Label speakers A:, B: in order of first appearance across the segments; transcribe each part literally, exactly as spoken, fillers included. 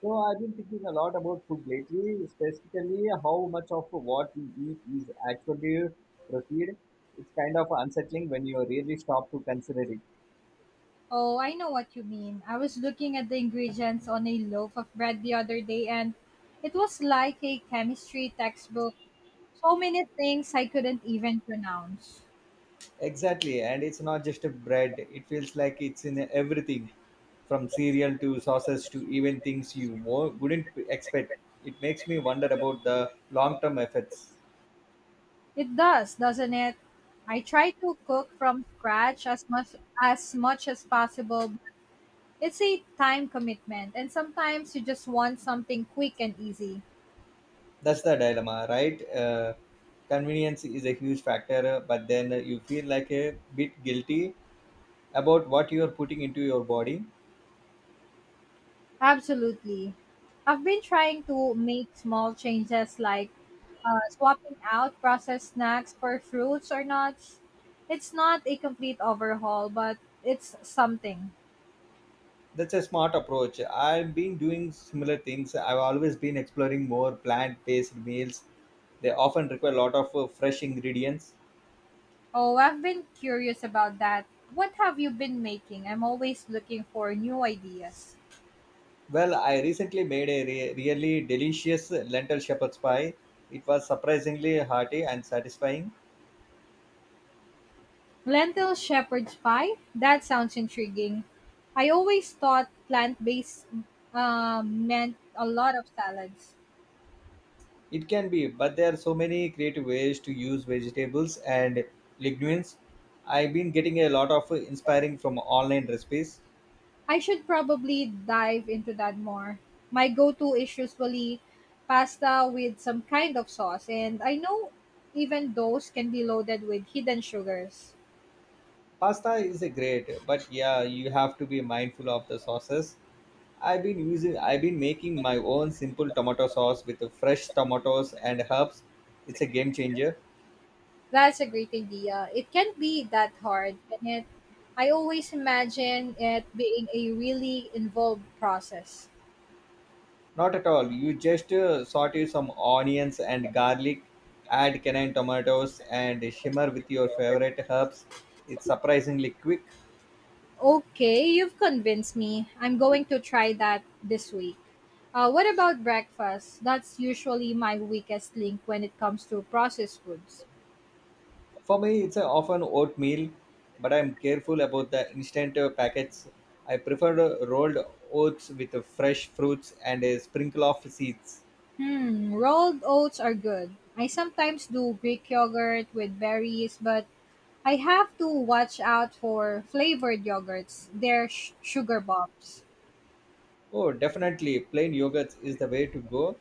A: So I've been thinking a lot about food lately, specifically how much of what we eat is actually proceed. It's kind of unsettling when you really stop to consider it.
B: Oh, I know what you mean. I was looking at the ingredients on a loaf of bread the other day, and it was like a chemistry textbook. So many things I couldn't even pronounce.
A: Exactly, and it's not just a bread. It feels like it's in everything, from cereal to sauces to even things you wo- wouldn't expect. It makes me wonder about the long-term effects.
B: It does, doesn't it? I try to cook from scratch as much as much as possible, but it's a time commitment, and sometimes you just want something quick and easy.
A: That's the dilemma, right? Uh, convenience is a huge factor, but then you feel like a bit guilty about what you are putting into your body.
B: Absolutely. I've been trying to make small changes, like uh, swapping out processed snacks for fruits or nuts. It's not a complete overhaul, but it's something.
A: That's a smart approach. I've been doing similar things. I've always been exploring more plant-based meals. They often require a lot of uh, fresh ingredients.
B: Oh, I've been curious about that. What have you been making? I'm always looking for new ideas.
A: Well, I recently made a re- really delicious lentil shepherd's pie. It was surprisingly hearty and satisfying.
B: Lentil shepherd's pie? That sounds intriguing. I always thought plant based um, meant a lot of salads.
A: It can be, but there are so many creative ways to use vegetables and lignins. I've been getting a lot of uh, inspiring from online recipes.
B: I should probably dive into that more. My go to is usually pasta with some kind of sauce, and I know even those can be loaded with hidden sugars.
A: Pasta is a great, but yeah, you have to be mindful of the sauces. i've been using I've been making my own simple tomato sauce with fresh tomatoes and herbs. It's a game changer.
B: That's a great idea. It can't be that hard, can it? I always imagine it being a really involved process.
A: Not at all. You just uh, saute some onions and garlic, add canned tomatoes and shimmer with your favorite herbs. It's surprisingly quick.
B: Okay, you've convinced me. I'm going to try that this week. Uh, what about breakfast? That's usually my weakest link when it comes to processed foods.
A: For me, it's uh, often oatmeal, but I'm careful about the instant uh, packets. I prefer uh, rolled oats with uh, fresh fruits and a sprinkle of seeds.
B: Hmm, rolled oats are good. I sometimes do Greek yogurt with berries, but I have to watch out for flavored yogurts. They're sh- sugar bombs.
A: Oh, definitely, plain yogurt is the way to go.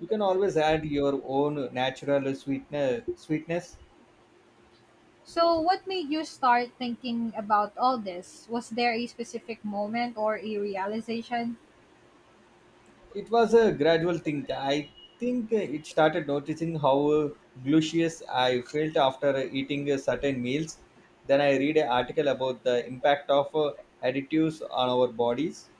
A: You can always add your own natural sweetener, sweetness.
B: So, what made you start thinking about all this? Was there a specific moment or a realization?
A: It was a gradual thing. I think it started noticing how glucious I felt after eating certain meals. Then I read an article about the impact of additives on our bodies.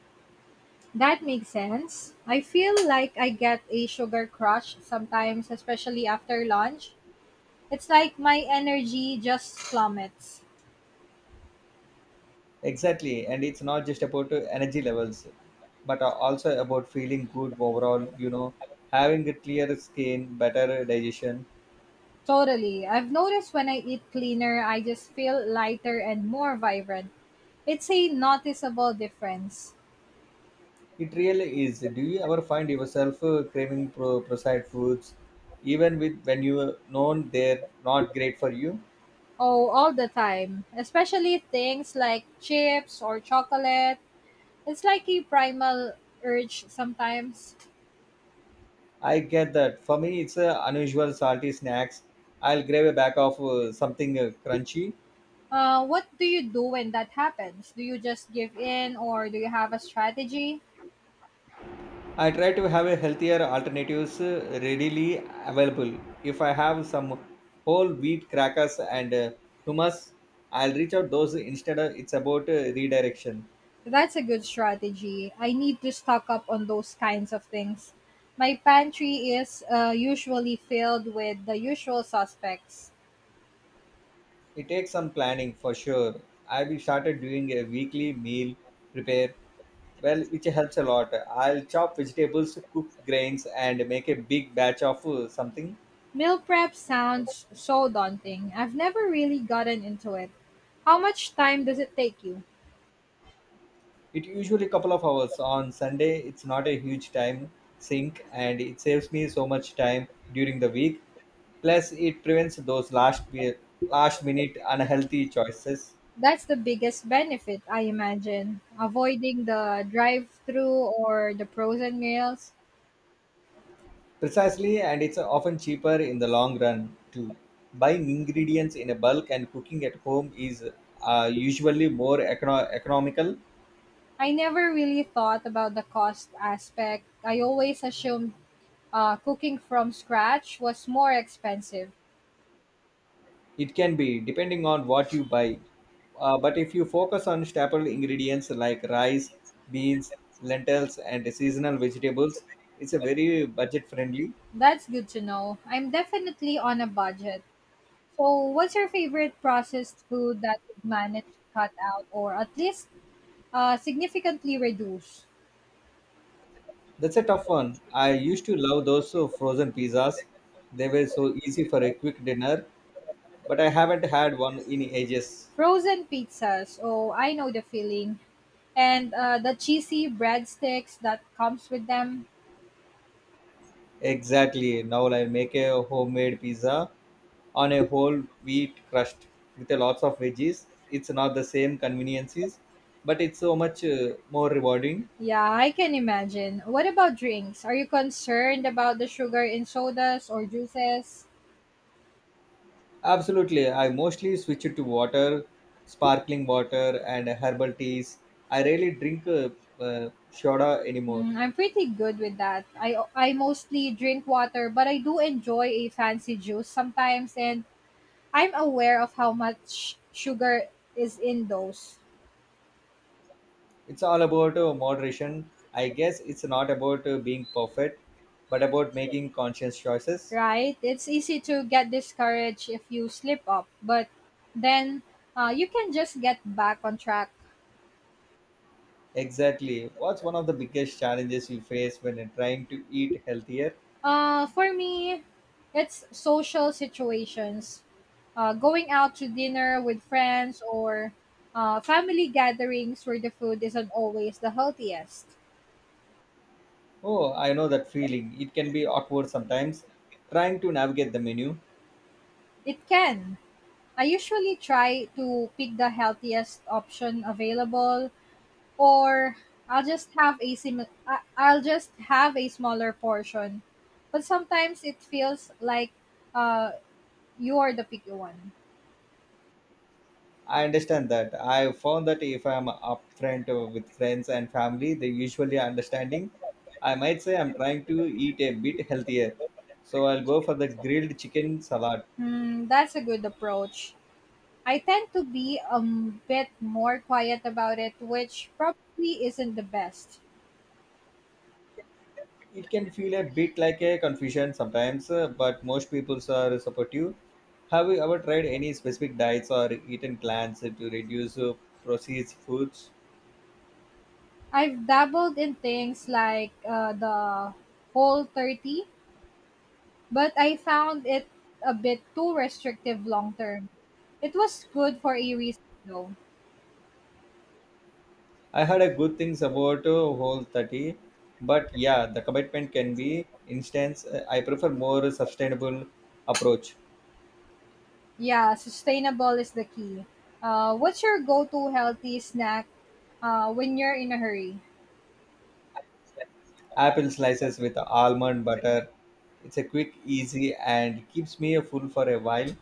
B: That makes sense. I feel like I get a sugar crush sometimes, especially after lunch. It's like my energy just plummets.
A: Exactly, and it's not just about energy levels, but also about feeling good overall. You know, having a clear skin, better digestion.
B: Totally. I've noticed when I eat cleaner, I just feel lighter and more vibrant. It's a noticeable difference.
A: It really is. Do you ever find yourself uh, craving pro- processed foods, even with when you know they're not great for you?
B: Oh, all the time. Especially things like chips or chocolate. It's like a primal urge sometimes.
A: I get that. For me, it's uh, unusual salty snacks. I'll grab a bag of uh, something uh, crunchy.
B: Uh, what do you do when that happens? Do you just give in or do you have a strategy?
A: I try to have a healthier alternatives uh, readily available. If I have some whole wheat crackers and uh, hummus, I'll reach out those instead. Of, it's about uh, redirection.
B: That's a good strategy. I need to stock up on those kinds of things. My pantry is uh, usually filled with the usual suspects.
A: It takes some planning for sure. I've started doing a weekly meal prepare, well, which helps a lot. I'll chop vegetables, cook grains, and make a big batch of uh, something.
B: Meal prep sounds so daunting. I've never really gotten into it. How much time does it take you?
A: It usually couple of hours on Sunday. It's not a huge time sink and it saves me so much time during the week. Plus it prevents those last be- last minute unhealthy choices.
B: That's the biggest benefit, I imagine. Avoiding the drive through or the frozen meals.
A: Precisely, and it's often cheaper in the long run too. Buying ingredients in a bulk and cooking at home is uh, usually more econo- economical.
B: I never really thought about the cost aspect. I always assumed Uh, cooking from scratch was more expensive.
A: It can be, depending on what you buy. Uh, but if you focus on staple ingredients like rice, beans, lentils, and seasonal vegetables, it's a very budget friendly.
B: That's good to know. I'm definitely on a budget. So, what's your favorite processed food that you've managed to cut out or at least uh, significantly reduce?
A: That's a tough one. I used to love those uh, frozen pizzas. They were so easy for a quick dinner, but I haven't had one in ages.
B: Frozen pizzas. Oh, I know the feeling. And uh, the cheesy breadsticks that comes with them.
A: Exactly. Now I'll make a homemade pizza on a whole wheat crust with a lots of veggies. It's not the same conveniences, but it's so much uh, more rewarding.
B: Yeah, I can imagine. What about drinks? Are you concerned about the sugar in sodas or juices?
A: Absolutely. I mostly switch it to water, sparkling water, and herbal teas. I rarely drink uh, uh, soda anymore.
B: Mm, I'm pretty good with that. I I mostly drink water, but I do enjoy a fancy juice sometimes, and I'm aware of how much sugar is in those,
A: It's all about uh, moderation. I guess it's not about uh, being perfect, but about making conscious choices.
B: right? It's easy to get discouraged if you slip up, but then uh, you can just get back on track.
A: Exactly. What's one of the biggest challenges you face when you're trying to eat healthier?
B: Uh, for me, it's social situations. Uh, going out to dinner with friends or uh, family gatherings where the food isn't always the healthiest.
A: Oh, I know that feeling. It can be awkward sometimes trying to navigate the menu.
B: It can. I usually try to pick the healthiest option available, or I'll just have a sim- I- I'll just have a smaller portion. But sometimes it feels like uh you are the picky one.
A: I understand that. I found that if I'm upfront with friends and family, they usually are understanding. I might say I'm trying to eat a bit healthier, so I'll go for the grilled chicken salad.
B: Hmm, that's a good approach. I tend to be a m- bit more quiet about it, which probably isn't the best.
A: It can feel a bit like a confusion sometimes, uh, but most people are supportive. Have you ever tried any specific diets or eaten plans to reduce uh, processed foods?
B: I've dabbled in things like uh, the Whole thirty, but I found it a bit too restrictive long term. It was good for a reason though.
A: I heard a good things about uh, Whole thirty, but yeah, the commitment can be instance. uh, I prefer more sustainable approach.
B: Yeah, sustainable is the key. Uh, what's your go to healthy snack uh, when you're in a hurry?
A: Apple slices with almond butter. It's a quick, easy, and keeps me full for a while.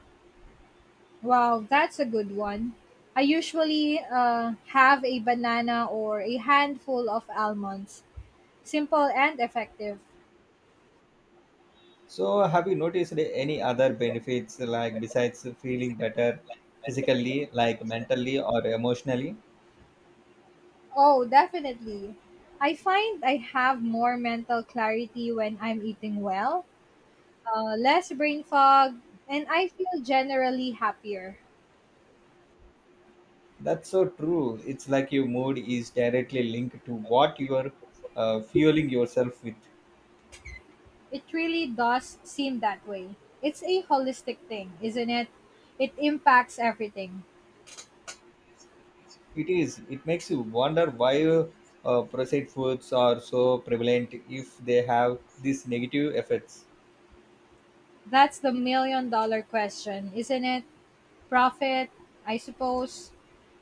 B: Wow, that's a good one. I usually uh, have a banana or a handful of almonds. Simple and effective.
A: So, have you noticed any other benefits like besides feeling better physically, like mentally or emotionally?
B: Oh, definitely. I find I have more mental clarity when I'm eating well, uh, less brain fog, and I feel generally happier.
A: That's so true. It's like your mood is directly linked to what you are uh, fueling yourself with.
B: It really does seem that way. It's a holistic thing, isn't it? It impacts everything.
A: It is. It makes you wonder why uh, processed foods are so prevalent if they have these negative effects.
B: That's the million dollar question, isn't it? Profit, I suppose.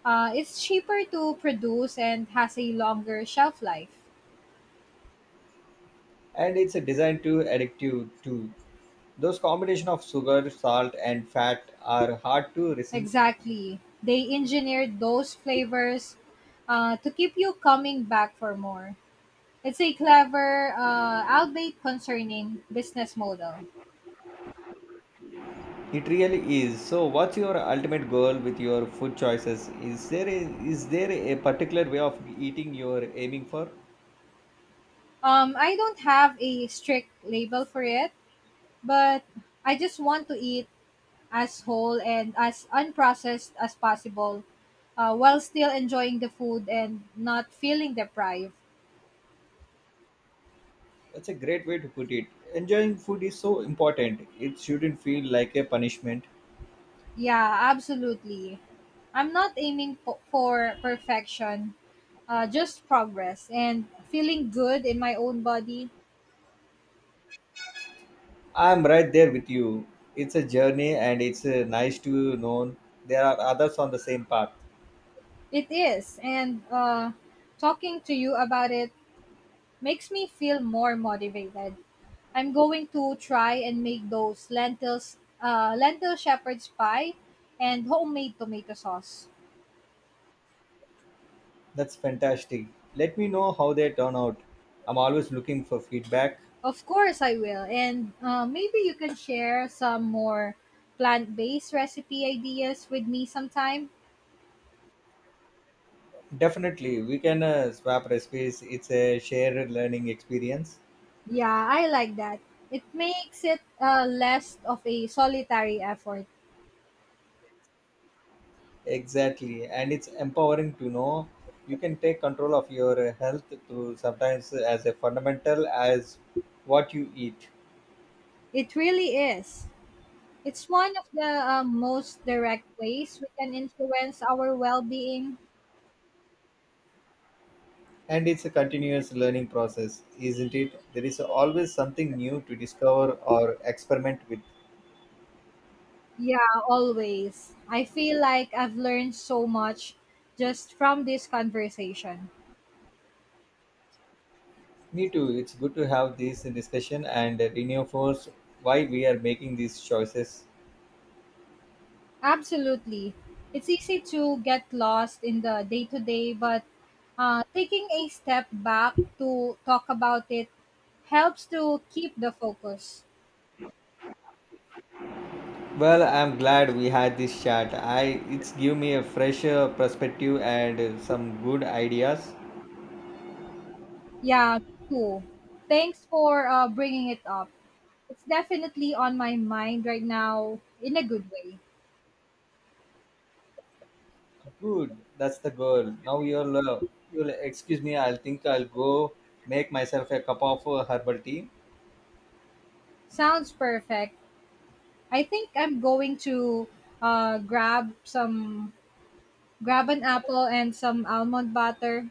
B: Uh, it's cheaper to produce and has a longer shelf life.
A: And it's a designed to addictive too. Those combination of sugar, salt, and fat are hard to resist.
B: Exactly. They engineered those flavors uh, to keep you coming back for more. It's a clever, uh, albeit concerning, business model.
A: It really is. So, what's your ultimate goal with your food choices? Is there a, is there a particular way of eating you're aiming for?
B: Um, I don't have a strict label for it, but I just want to eat as whole and as unprocessed as possible, uh, while still enjoying the food and not feeling deprived.
A: That's a great way to put it. Enjoying food is so important. It shouldn't feel like a punishment.
B: Yeah, absolutely. I'm not aiming po- for perfection, uh, just progress and feeling good in my own body.
A: I'm right there with you. It's a journey and it's uh, nice to know there are others on the same path.
B: It is. And uh, talking to you about it makes me feel more motivated. I'm going to try and make those lentils, uh, lentil shepherd's pie, and homemade tomato sauce.
A: That's fantastic. Let me know how they turn out. I'm always looking for feedback.
B: Of course, I will. And uh, maybe you can share some more plant-based recipe ideas with me sometime.
A: Definitely, we can uh, swap recipes. It's a shared learning experience.
B: Yeah, I like that. It makes it uh, less of a solitary effort.
A: Exactly, and it's empowering to know you can take control of your health through sometimes as a fundamental as what you eat.
B: It really is. It's one of the uh, most direct ways we can influence our well-being.
A: And it's a continuous learning process, isn't it? There is always something new to discover or experiment with.
B: Yeah, always. I feel like I've learned so much just from this conversation.
A: Me too. It's good to have this discussion and reinforce why we are making these choices.
B: Absolutely. It's easy to get lost in the day to day, but uh, taking a step back to talk about it helps to keep the focus.
A: Well, I'm glad we had this chat. I It's give me a fresher perspective and uh, some good ideas.
B: Yeah, cool. Thanks for uh, bringing it up. It's definitely on my mind right now in a good way.
A: Good, that's the goal. Now you'll uh, you'll excuse me. I'll think I'll go make myself a cup of uh, herbal tea.
B: Sounds perfect. I think I'm going to uh, grab some grab an apple and some almond butter.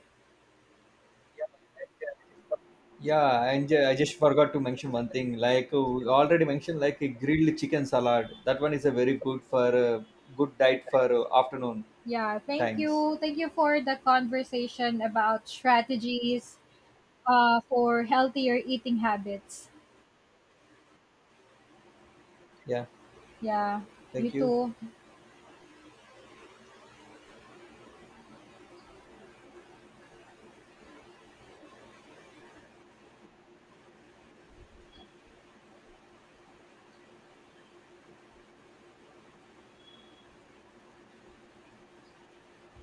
A: Yeah, and ju- I just forgot to mention one thing. Like uh, we already mentioned, like a grilled chicken salad. That one is a very good for uh, good diet for uh, afternoon
B: Yeah, thank
A: times.
B: you. Thank you for the conversation about strategies uh, for healthier eating habits.
A: Yeah,
B: Yeah, you
A: thank you.
B: too.